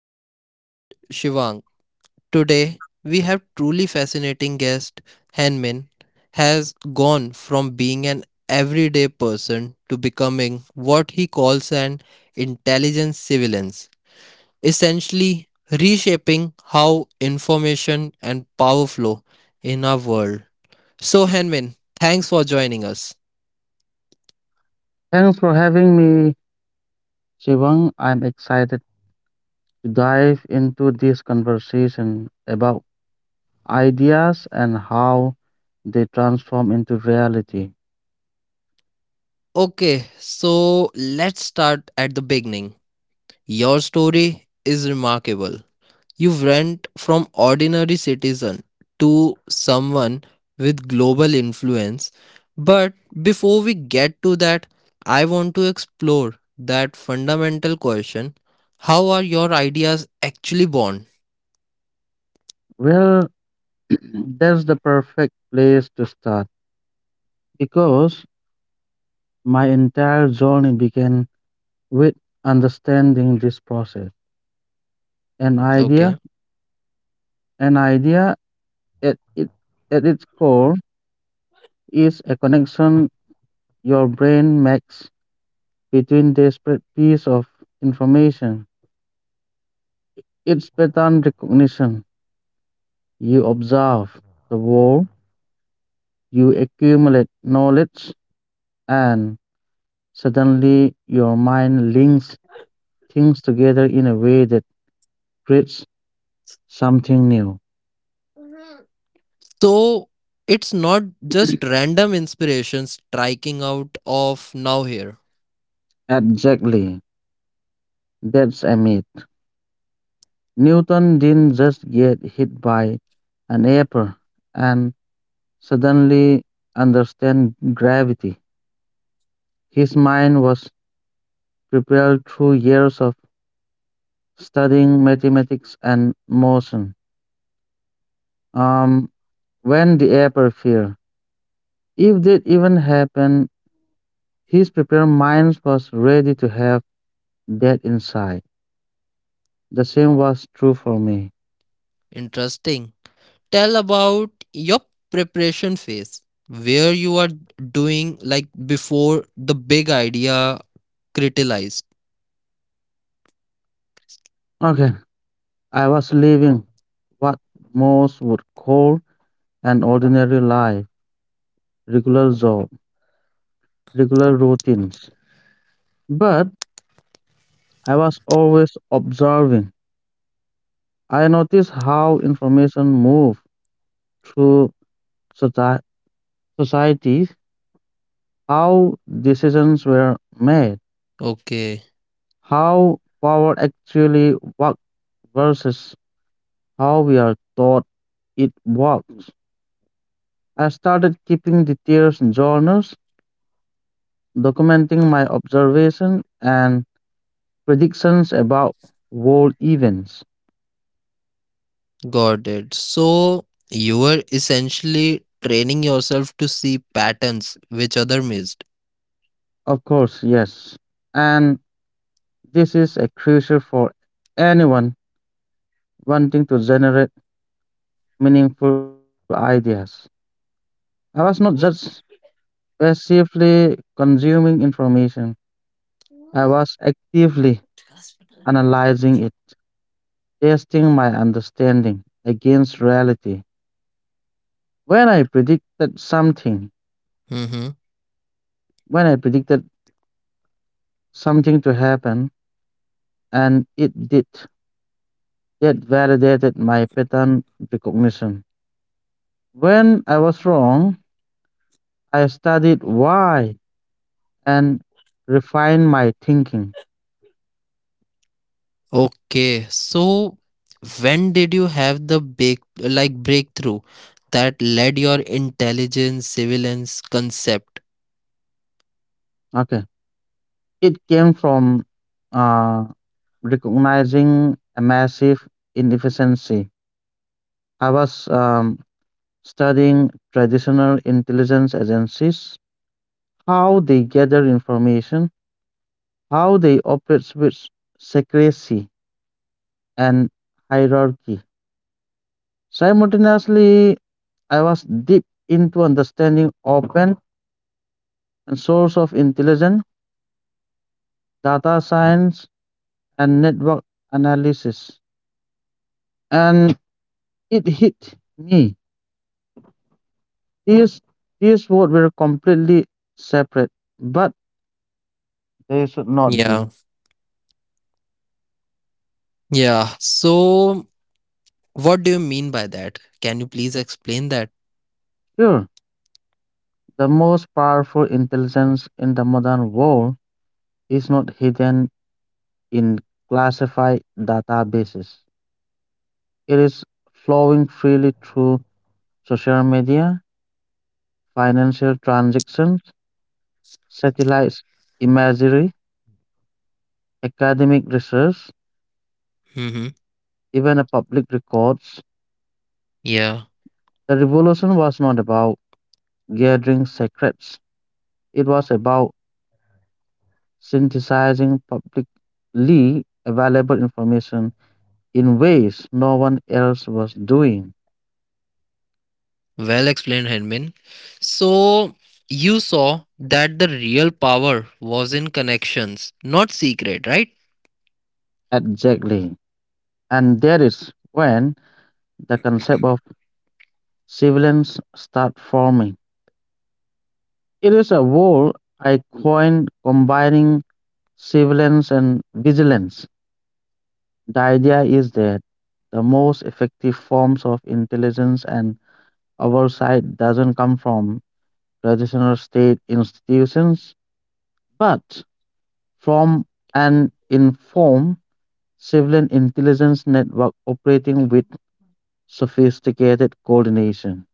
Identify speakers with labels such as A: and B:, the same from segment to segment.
A: I'm your host Shivang. Today we have truly fascinating guest Hanmin has gone from being an everyday person to becoming what he calls an intelligent civilian, essentially reshaping how information and power flow in our world. So Hanmin, thanks for joining us.
B: Thanks for having me, Shivang. I'm excited to dive into this conversation about ideas and how they transform into reality.
A: Okay, so let's start at the beginning. Your story is remarkable. You went from ordinary citizen to someone with global influence. But before we get to that, I want to explore that fundamental question, how are your ideas actually born?
B: Well, that's the perfect place to start because my entire journey began with understanding this process. An idea,
A: Okay.
B: an idea at, it, at its core is a connection your brain makes between disparate pieces of information. It's pattern recognition. You observe the world, you accumulate knowledge, and suddenly your mind links things together in a way that creates something new.
A: So it's not just random inspirations striking out of now here.
B: Exactly. That's a myth. Newton didn't just get hit by an apple and suddenly understand gravity. His mind was prepared through years of studying mathematics and motion. Um, when the upper fear, if that even happened, his prepared mind was ready to have that insight. The same was true for me.
A: Interesting. Tell about your preparation phase, where you are doing like before the big idea criticalized.
B: Okay, I was living what most would call an ordinary life, regular job, regular routines. But I was always observing. I noticed how information moved through soci- society, how decisions were made,
A: Okay,
B: how power actually works versus how we are taught it works. I started keeping details in journals, documenting my observations and predictions about world events.
A: got it. So you were essentially training yourself to see patterns which other missed.
B: Of course, yes. And this is a crucial for anyone wanting to generate meaningful ideas. I was not just passively consuming information, I was actively analyzing it, testing my understanding against reality. When I predicted something,
A: Mm-hmm.
B: when I predicted something to happen and it did, that validated my pattern recognition. When I was wrong, I studied why and refined my thinking.
A: Okay, so when did you have the big like breakthrough that led your intelligence surveillance concept?
B: Okay, it came from uh, recognizing a massive inefficiency. I was studying traditional intelligence agencies, how they gather information, how they operate with secrecy and hierarchy. Simultaneously, I was deep into understanding open and source of intelligence, data science, and network analysis. And it hit me. These, these words were completely separate, but they should not be.
A: Yeah, yeah. So what do you mean by that? Can you please explain that?
B: Sure, the most powerful intelligence in the modern world is not hidden in classified databases. It is flowing freely through social media, financial transactions, satellite imagery, academic research,
A: Mm-hmm.
B: even a public records.
A: Yeah,
B: The revolution was not about gathering secrets. It was about synthesizing publicly available information in ways no one else was doing.
A: well explained, Henmin. So, you saw that the real power was in connections, not secret, right?
B: Exactly. And that is when the concept of siblings start forming. It is a word I coined combining sibilance and vigilance. The idea is that the most effective forms of intelligence and oversight doesn't come from traditional state institutions, but from an informed civilian intelligence network operating with sophisticated coordination.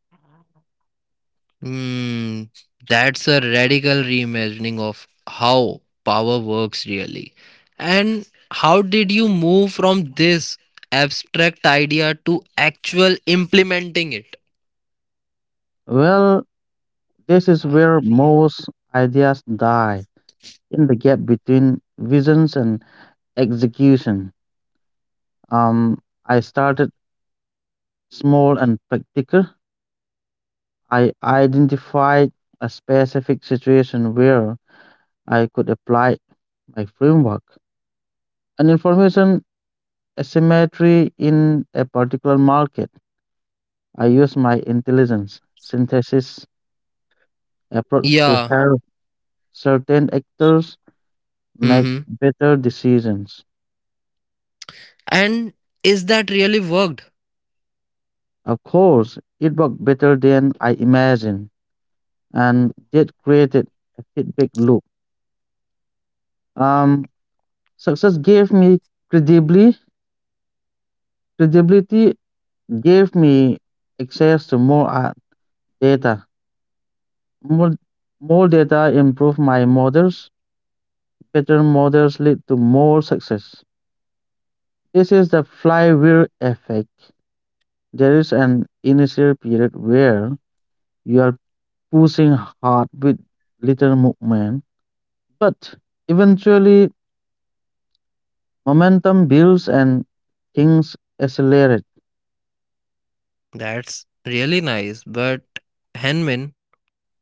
A: Mm, that's a radical reimagining of how power works really. And how did you move from this abstract idea to actual implementing it?
B: Well, this is
A: आवाज
B: where
A: कर रही है.
B: most ideas die, in the gap between visions and execution. Um, I started small and practical. I identified a specific situation where I could apply my framework. An information asymmetry in a particular market. I use my intelligence synthesis approach to
A: Yeah.
B: help certain actors make
A: Mm-hmm.
B: better decisions.
A: And is that really worked?
B: Of course, it worked better than I imagined, and that created a feedback loop. Um, Success gave me credibility. Credibility gave me access to more data. More, more data improved my models. Better models lead to more success. This is the flywheel effect. There is an initial period where you are pushing hard with little movement, but eventually momentum builds and things accelerate.
A: That's really nice. But Henmin,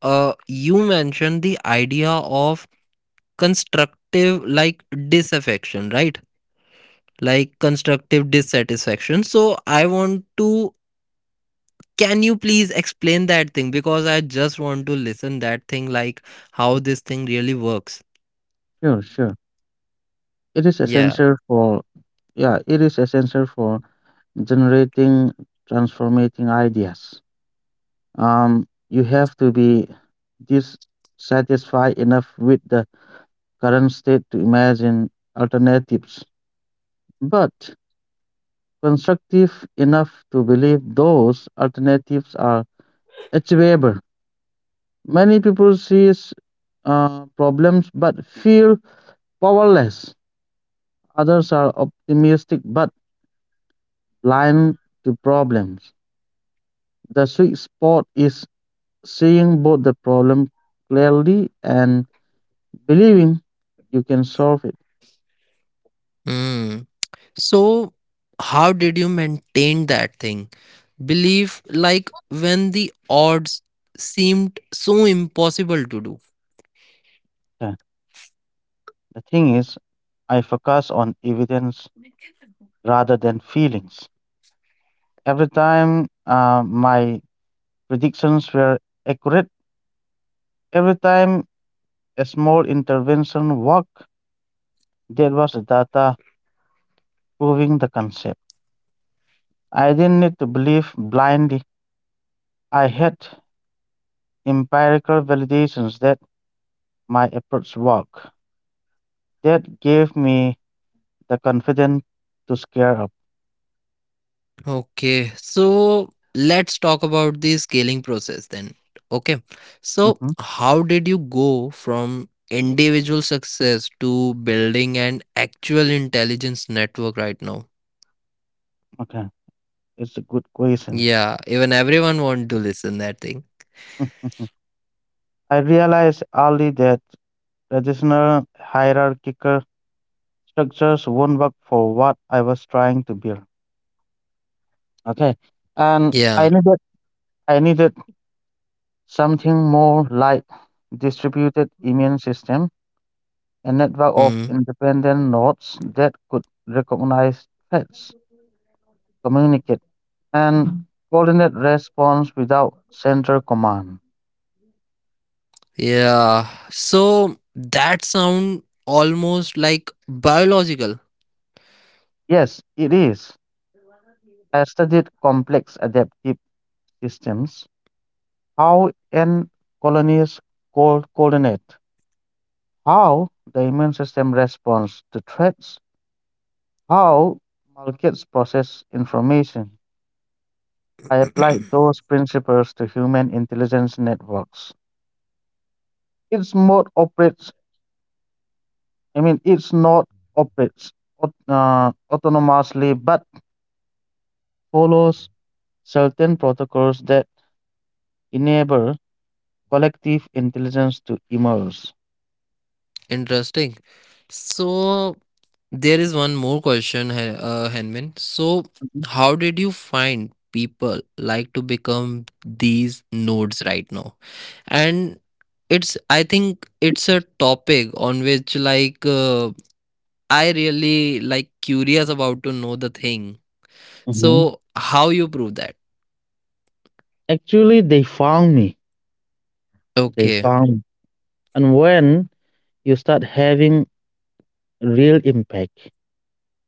A: you mentioned the idea of constructive like disaffection, right? Like constructive dissatisfaction. So I want to, can you please explain that thing, because I just want to listen that thing like how this thing really works.
B: Sure, sure. It is
A: Yeah.
B: essential for yeah, it is essential for generating transformating ideas. You have to be dissatisfied enough with the current state to imagine alternatives, but constructive enough to believe those alternatives are achievable. Many people see problems but feel powerless. Others are optimistic but blind to problems. The sweet spot is seeing both the problem clearly and believing you can solve it.
A: Mm. So how did you maintain that thing? Belief like when the odds seemed so impossible to do.
B: Okay. The thing is, I focus on evidence rather than feelings. Every time my predictions were accurate, every time a small intervention worked, there was data proving the concept. I didn't need to believe blindly. I had empirical validations that my efforts work. That gave me the confidence to scare up.
A: Okay, so let's talk about the scaling process then. Okay, so
B: Mhm.
A: how did you go from individual success to building an actual intelligence network right now?
B: Okay, it's a good question.
A: Yeah, even everyone want to listen that thing.
B: Mhm. I realized early that traditional hierarchical structures won't work for what I was trying to build. Okay, and I
A: Yeah.
B: needed I needed something more like distributed immune system, a network of
A: Hmm.
B: independent nodes that could recognize threats, communicate and coordinate response without central command.
A: Yeah. So that sound almost like biological.
B: Yes, it is. I studied complex adaptive systems, how ant colonies coordinate, how the immune system responds to threats, how markets process information. I applied those principles to human intelligence networks. Its mode operates, I mean, its node operates autonomously but follows certain protocols that enable collective intelligence to emerge.
A: Interesting. So there is one more question, Henman. So
B: Mhm.
A: how did you find people like to become these nodes right now? And it's I think it's a topic on which like I really like curious about to know the thing.
B: Mhm.
A: So how you prove that?
B: Actually, they found me. They
A: Okay.
B: found me. And when you start having real impact,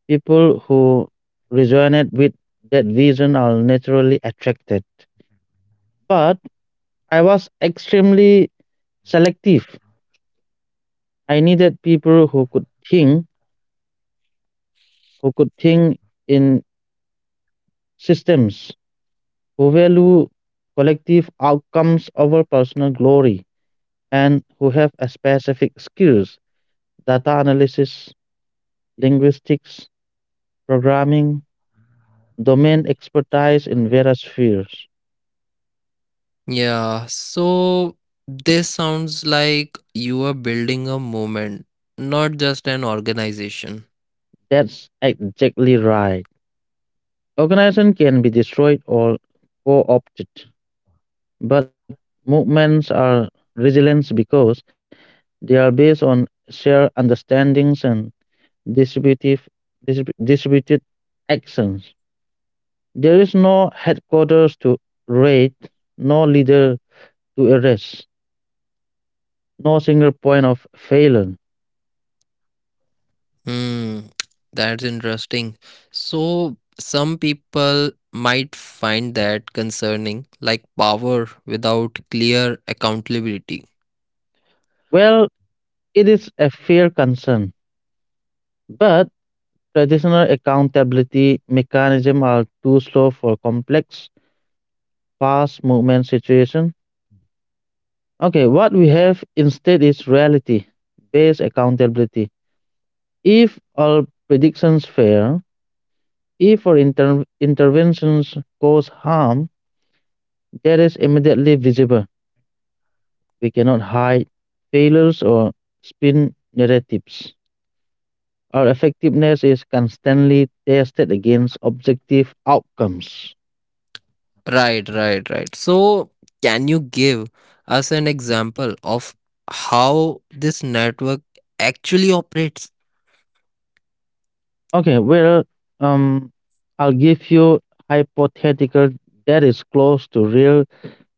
B: people who resonate with that vision are naturally attracted. But I was extremely selective. I needed people who could think in systems, who value collective outcomes over personal glory, and who have a specific skills: data analysis, linguistics, programming, domain expertise in various fields.
A: Yeah. So this sounds like you are building a movement, not just an organization.
B: That's exactly right. Organization can be destroyed or co-opted, but movements are resilient because they are based on shared understandings and distributive distributed actions. There is no headquarters to raid, no leader to arrest, no single point of failure.
A: Hmm, that's interesting. So, some people might find that concerning, like power without clear accountability.
B: Well, it is a fair concern, but traditional accountability mechanisms are too slow for complex, fast movement situations. Okay, what we have instead is reality based accountability. If all predictions fail, if our interventions cause harm, that is immediately visible. We cannot hide failures or spin narratives. Our effectiveness is constantly tested against objective outcomes.
A: Right, right, right. So, can you give us an example of how this network actually operates?
B: Okay, um, I'll give you hypothetical that is close to real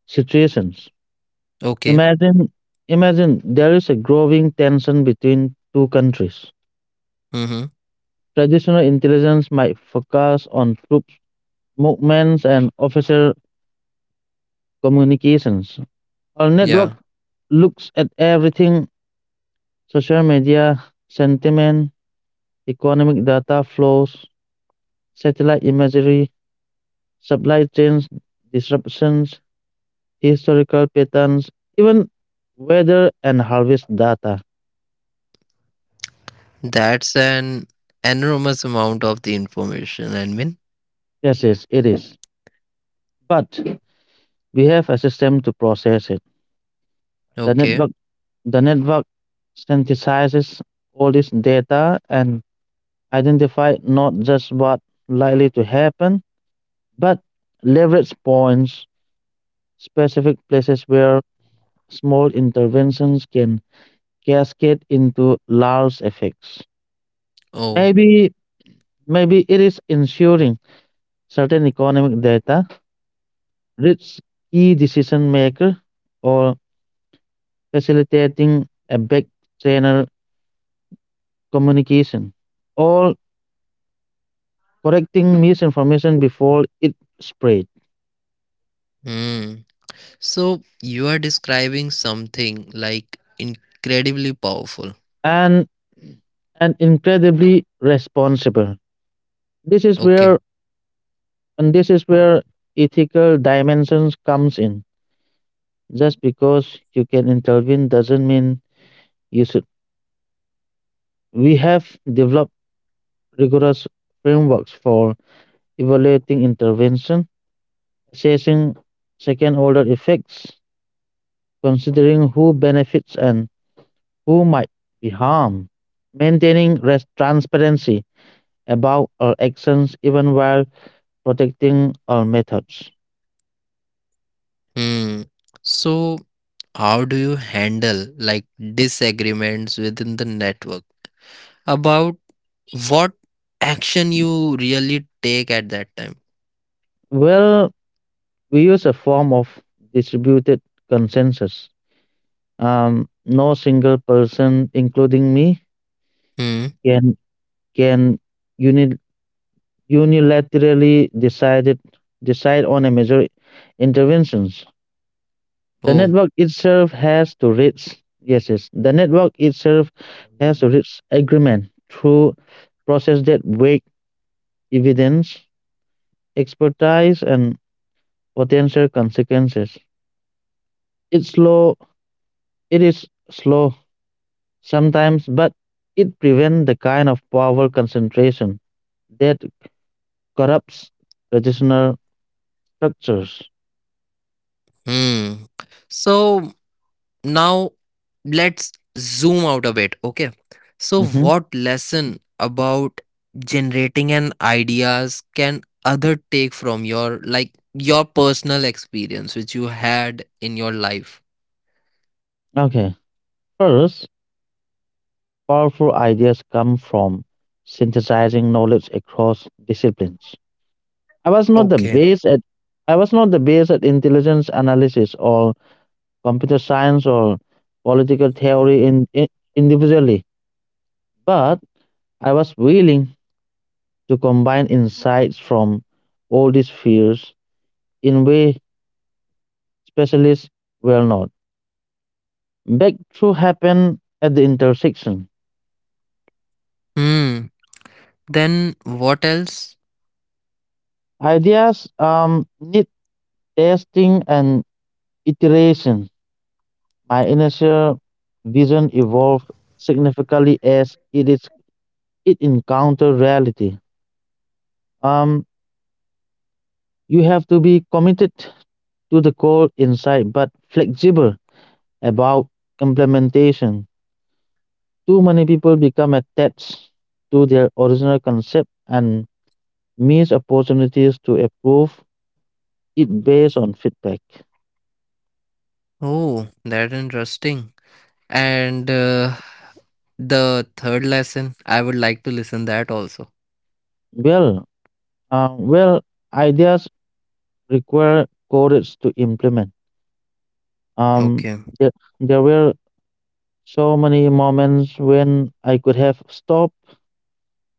B: situations.
A: Okay.
B: Imagine, imagine there is a growing tension between two countries.
A: Mm-hmm.
B: Traditional intelligence might focus on troops movements and officer communications. Our network
A: Yeah.
B: looks at everything: social media, sentiment, economic data flows, satellite imagery, supply chains disruptions, historical patterns, even weather and harvest data.
A: That's an enormous amount of the information, Admin.
B: Yes, yes, it is. But we have a system to process it. The
A: Okay.
B: network, the network synthesizes all this data and identify not just what likely to happen, but leverage points, specific places where small interventions can cascade into large effects.
A: Oh.
B: Maybe, maybe it is ensuring certain economic data reach key decision maker, or facilitating a back channel communication, or correcting misinformation before it spread.
A: Hmm. So you are describing something like incredibly powerful.
B: and and incredibly responsible. this is
A: Okay.
B: where and this is where ethical dimensions comes in. Just because you can intervene doesn't mean you should. We have developed rigorous frameworks for evaluating intervention, assessing second order effects, considering who benefits and who might be harmed, maintaining transparency about our actions even while protecting our methods.
A: Hmm. So how do you handle like disagreements within the network about what action you really take at that time?
B: Well, we use a form of distributed consensus. No single person, including me,
A: Hmm.
B: can can uni- unilaterally decide on a major interventions. The
A: Oh.
B: network itself has to reach yes yes the network itself has to reach agreement through process that weigh evidence, expertise, and potential consequences. It's slow. It is slow sometimes, but it prevents the kind of power concentration that corrupts traditional structures.
A: Hmm. So now, let's zoom out a bit, okay? So,
B: Mhm.
A: what lesson about generating an ideas can other take from your like your personal experience which you had in your life?
B: Okay. First, powerful ideas come from synthesizing knowledge across disciplines. I was not the
A: Okay.
B: best at I was not the best at intelligence analysis or computer science or political theory in individually, but I was willing to combine insights from all these fields in way specialists were not. Breakthrough happened at the intersection.
A: Hmm. Then what else?
B: Ideas need testing and iteration, my initial vision evolved significantly as it encountered reality. Um, you have to be committed to the goal inside, but flexible about implementation. Too many people become attached to their original concept and miss opportunities to improve it based on feedback.
A: Oh, that interesting. And the third lesson, I would like to listen that also.
B: Well, uh, well, ideas require courage to implement. Um,
A: Okay.
B: there, there were so many moments when I could have stopped,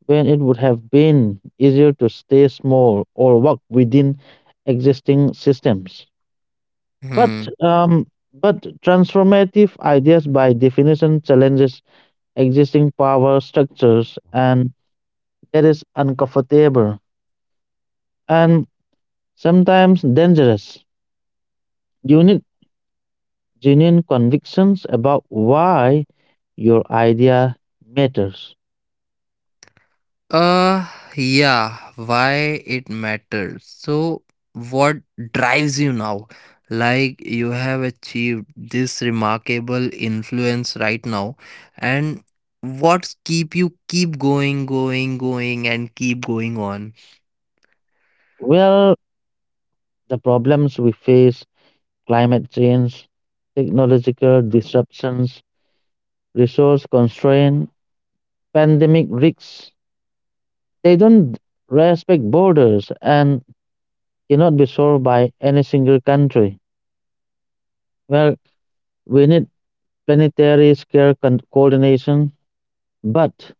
B: when it would have been easier to stay small or work within existing systems. But
A: Hmm.
B: um, but transformative ideas, by definition, challenges existing power structures, and that is uncomfortable and sometimes dangerous. You need genuine convictions about why your idea matters.
A: Uh, yeah, why it matters. So, what drives you now? Like, you have achieved this remarkable influence right now, and what's keep you keep going, going, going, and keep going on?
B: Well, the problems we face, climate change, technological disruptions, resource constraint, pandemic risks, they don't respect borders and cannot be solved by any single country. Well, we need planetary scale coordination, but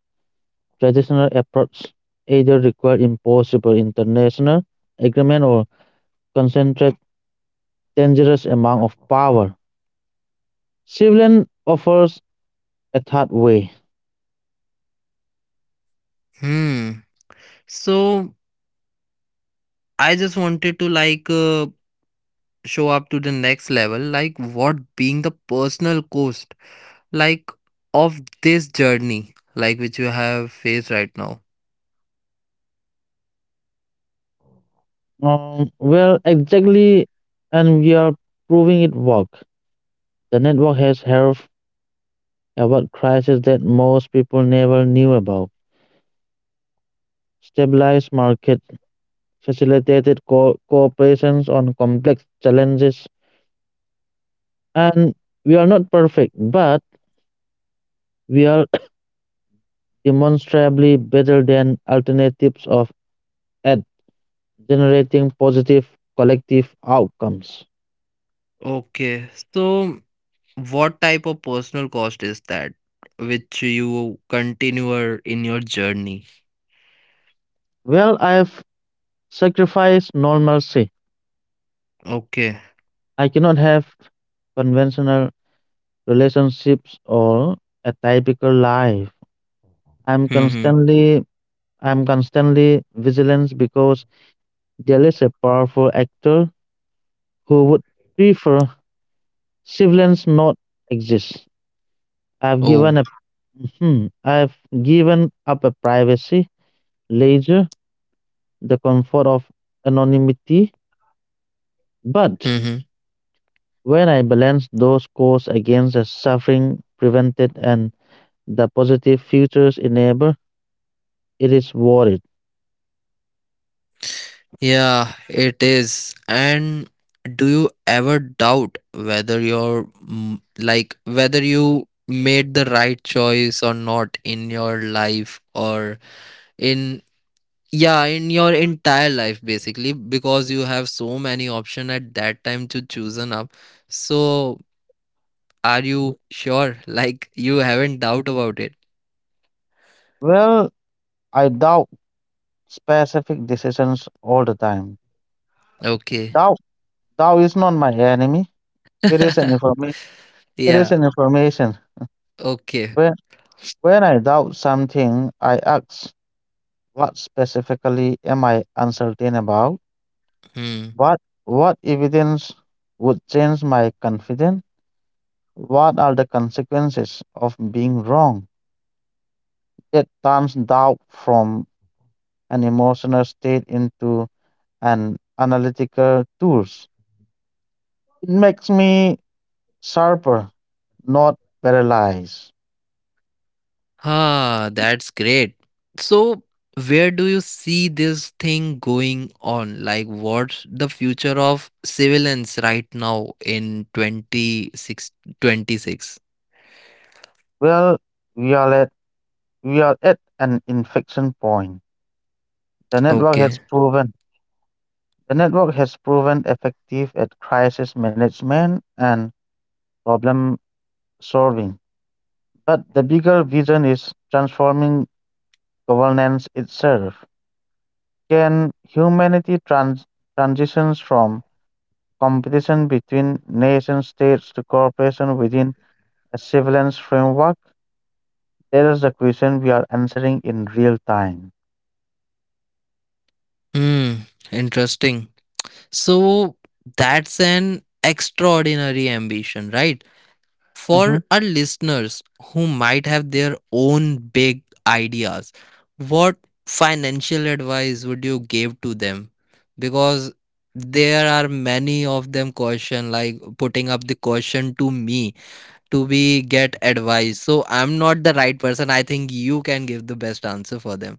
B: traditional efforts either require impossible international agreement or concentrate dangerous amount of power. Civilian offers a third way.
A: Hmm. So, I just wanted to like show up to the next level, like, what being the personal cost, like, of this journey, like, which you have faced right now.
B: Exactly, and we are proving it work. The network has helped avoid crises that most people never knew about, stabilized markets, facilitated cooperations on complex challenges, and we are not perfect, but we are demonstrably better than alternatives of at generating positive collective outcomes.
A: Okay, so what type of personal cost is that which you continue in your journey?
B: Well, I've sacrificed normalcy.
A: Okay.
B: I cannot have conventional relationships or a typical life. I'm
A: Mm-hmm.
B: constantly I'm constantly vigilant because there is a powerful actor who would prefer siblings not exist. I've given a
A: Oh.
B: Mhm. I've given up a privacy, leisure, the comfort of anonymity. But
A: Mm-hmm.
B: when I balance those costs against the suffering prevented and the positive futures enabled, it is worth it.
A: Yeah, it is. And do you ever doubt whether you're like whether you made the right choice or not in your life, or in, yeah, in your entire life basically, because you have so many option at that time to choose an up, so are you sure? Like you haven't doubt about it?
B: Well, I doubt specific decisions all the time.
A: Okay.
B: Doubt, doubt is not my enemy. It is an information. It is
A: Yeah.
B: an information.
A: Okay.
B: When when I doubt something, I ask, what specifically am I uncertain about?
A: Hmm.
B: What evidence would change my confidence? What are the consequences of being wrong? It turns doubt from an emotional state into an analytical tools. It makes me sharper not paralyzed.
A: Ah, that's great. So, where do you see this thing going on? Like, what's the future of civilians right now in 2626?
B: Well, we are at we are at an inflection point. The network
A: Okay.
B: has proven the network has proven effective at crisis management and problem solving. But the bigger vision is transforming governance itself. Can humanity transitions from competition between nation states to cooperation within a surveillance framework? That is the question we are answering in real time.
A: Hmm. Interesting. So, that's an extraordinary ambition, right?
B: Mm-hmm.
A: For our listeners who might have their own big ideas, what financial advice would you give to them? Because there are many of them question like putting up the question to me to be get advice. So I'm not the right person. I think you can give the best answer for them.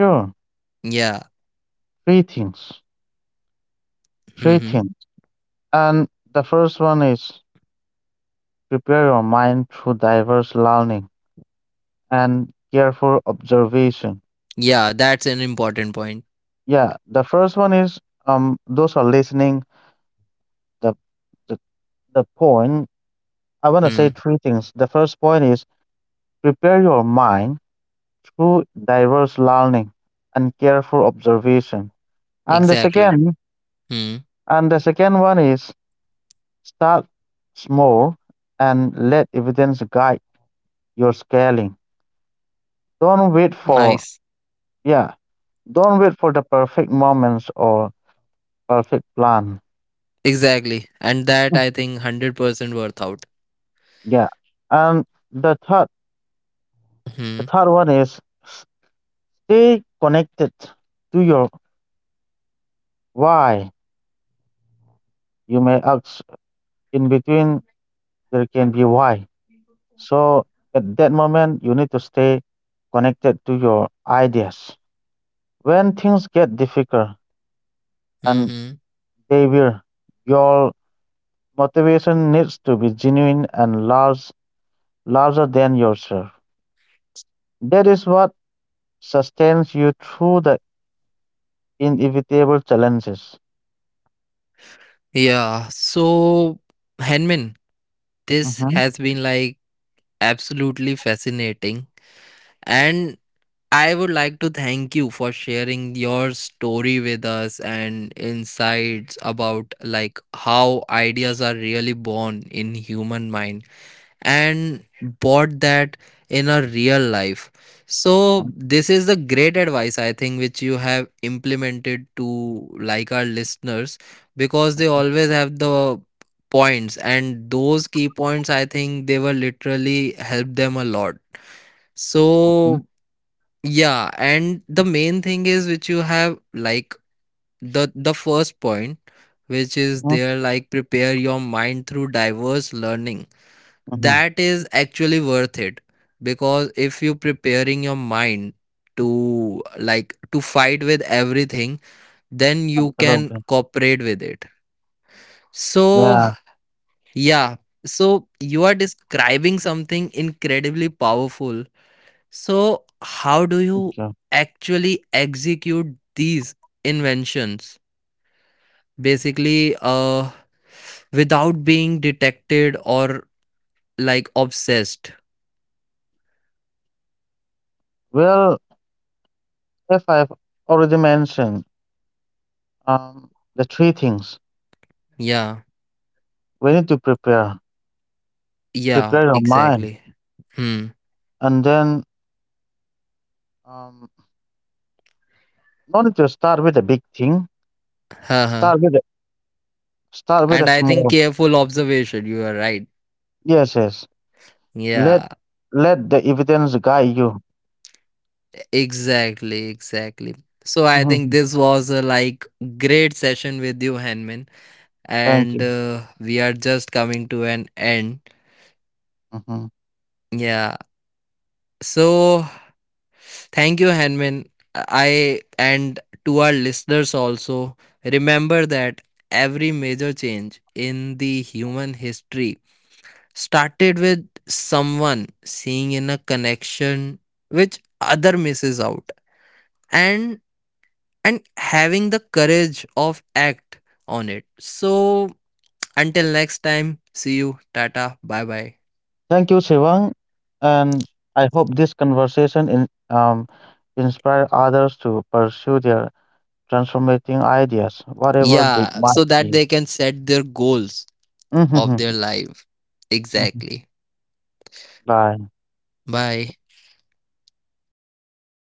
B: Sure,
A: Yeah.
B: three things. Three
A: Hmm.
B: things. And the first one is prepare your mind through diverse learning and careful observation.
A: Yeah, that's an important point.
B: Yeah, the first one is those are listening. The the, the point I wanna say
A: Hmm.
B: three things. The first point is prepare your mind through diverse learning and careful observation. And the
A: Exactly.
B: second
A: Hmm.
B: and the second one is start small and let evidence guide your scaling. Don't wait for
A: Nice.
B: yeah, don't wait for the perfect moments or perfect plan.
A: Exactly. And that
B: Mm.
A: I think 100% worth out.
B: Yeah. And the third the
A: Mhm,
B: third one is stay connected to your why. You may ask in between there can be why. So at that moment you need to stay connected to your ideas. When things get difficult and
A: mhm.
B: they will, your motivation needs to be genuine and larger than yourself. That is what sustains you through the inevitable challenges.
A: Yeah, so Henman, this
B: Mm-hmm.
A: has been like absolutely fascinating. And I would like to thank you for sharing your story with us and insights about like how ideas are really born in human mind, and bought that in a real life. So this is the great advice, I think, which you have implemented to like our listeners, because they always have the points, and those key points, I think they will literally help them a lot.
B: Mm-hmm.
A: So yeah, and the main thing is which you have like, the first point, which is there like prepare your mind through diverse learning.
B: Mm-hmm.
A: That is actually worth it, because if you preparing your mind to like to fight with everything, then you can
B: Absolutely.
A: cooperate with it. So
B: Yeah.
A: yeah, so you are describing something incredibly powerful. So
B: Thank
A: how do
B: you.
A: you actually execute these inventions, basically without being detected or like obsessed?
B: Well, if I've already mentioned um, the three things
A: Yeah.
B: we need to prepare,
A: Yeah,
B: prepare your mind,
A: exactly. Hmm.
B: and then um, no need to start with a big thing. Start
A: Haha.
B: with a, start with a
A: And I think
B: small.
A: careful observation, you are right.
B: Yes, yes. Let
A: Yeah,
B: let the evidence guide you.
A: exactly, exactly. So I think
B: Hmm.
A: this was a like great session with you, Hanman,
B: Thank
A: and
B: you.
A: we are just coming to an end.
B: Hmm.
A: Yeah. So thank you, Hanman. I, and to our listeners also, remember that every major change in the human history started with someone seeing in a connection which other misses out, and and having the courage of act on it. So until next time, see you, tata, bye bye.
B: Thank you, Shivang, and I hope this conversation inspire others to pursue their transformating ideas, whatever they
A: Yeah,
B: might
A: so that
B: be.
A: they can set their goals of their life. Exactly.
B: Bye.
A: Bye.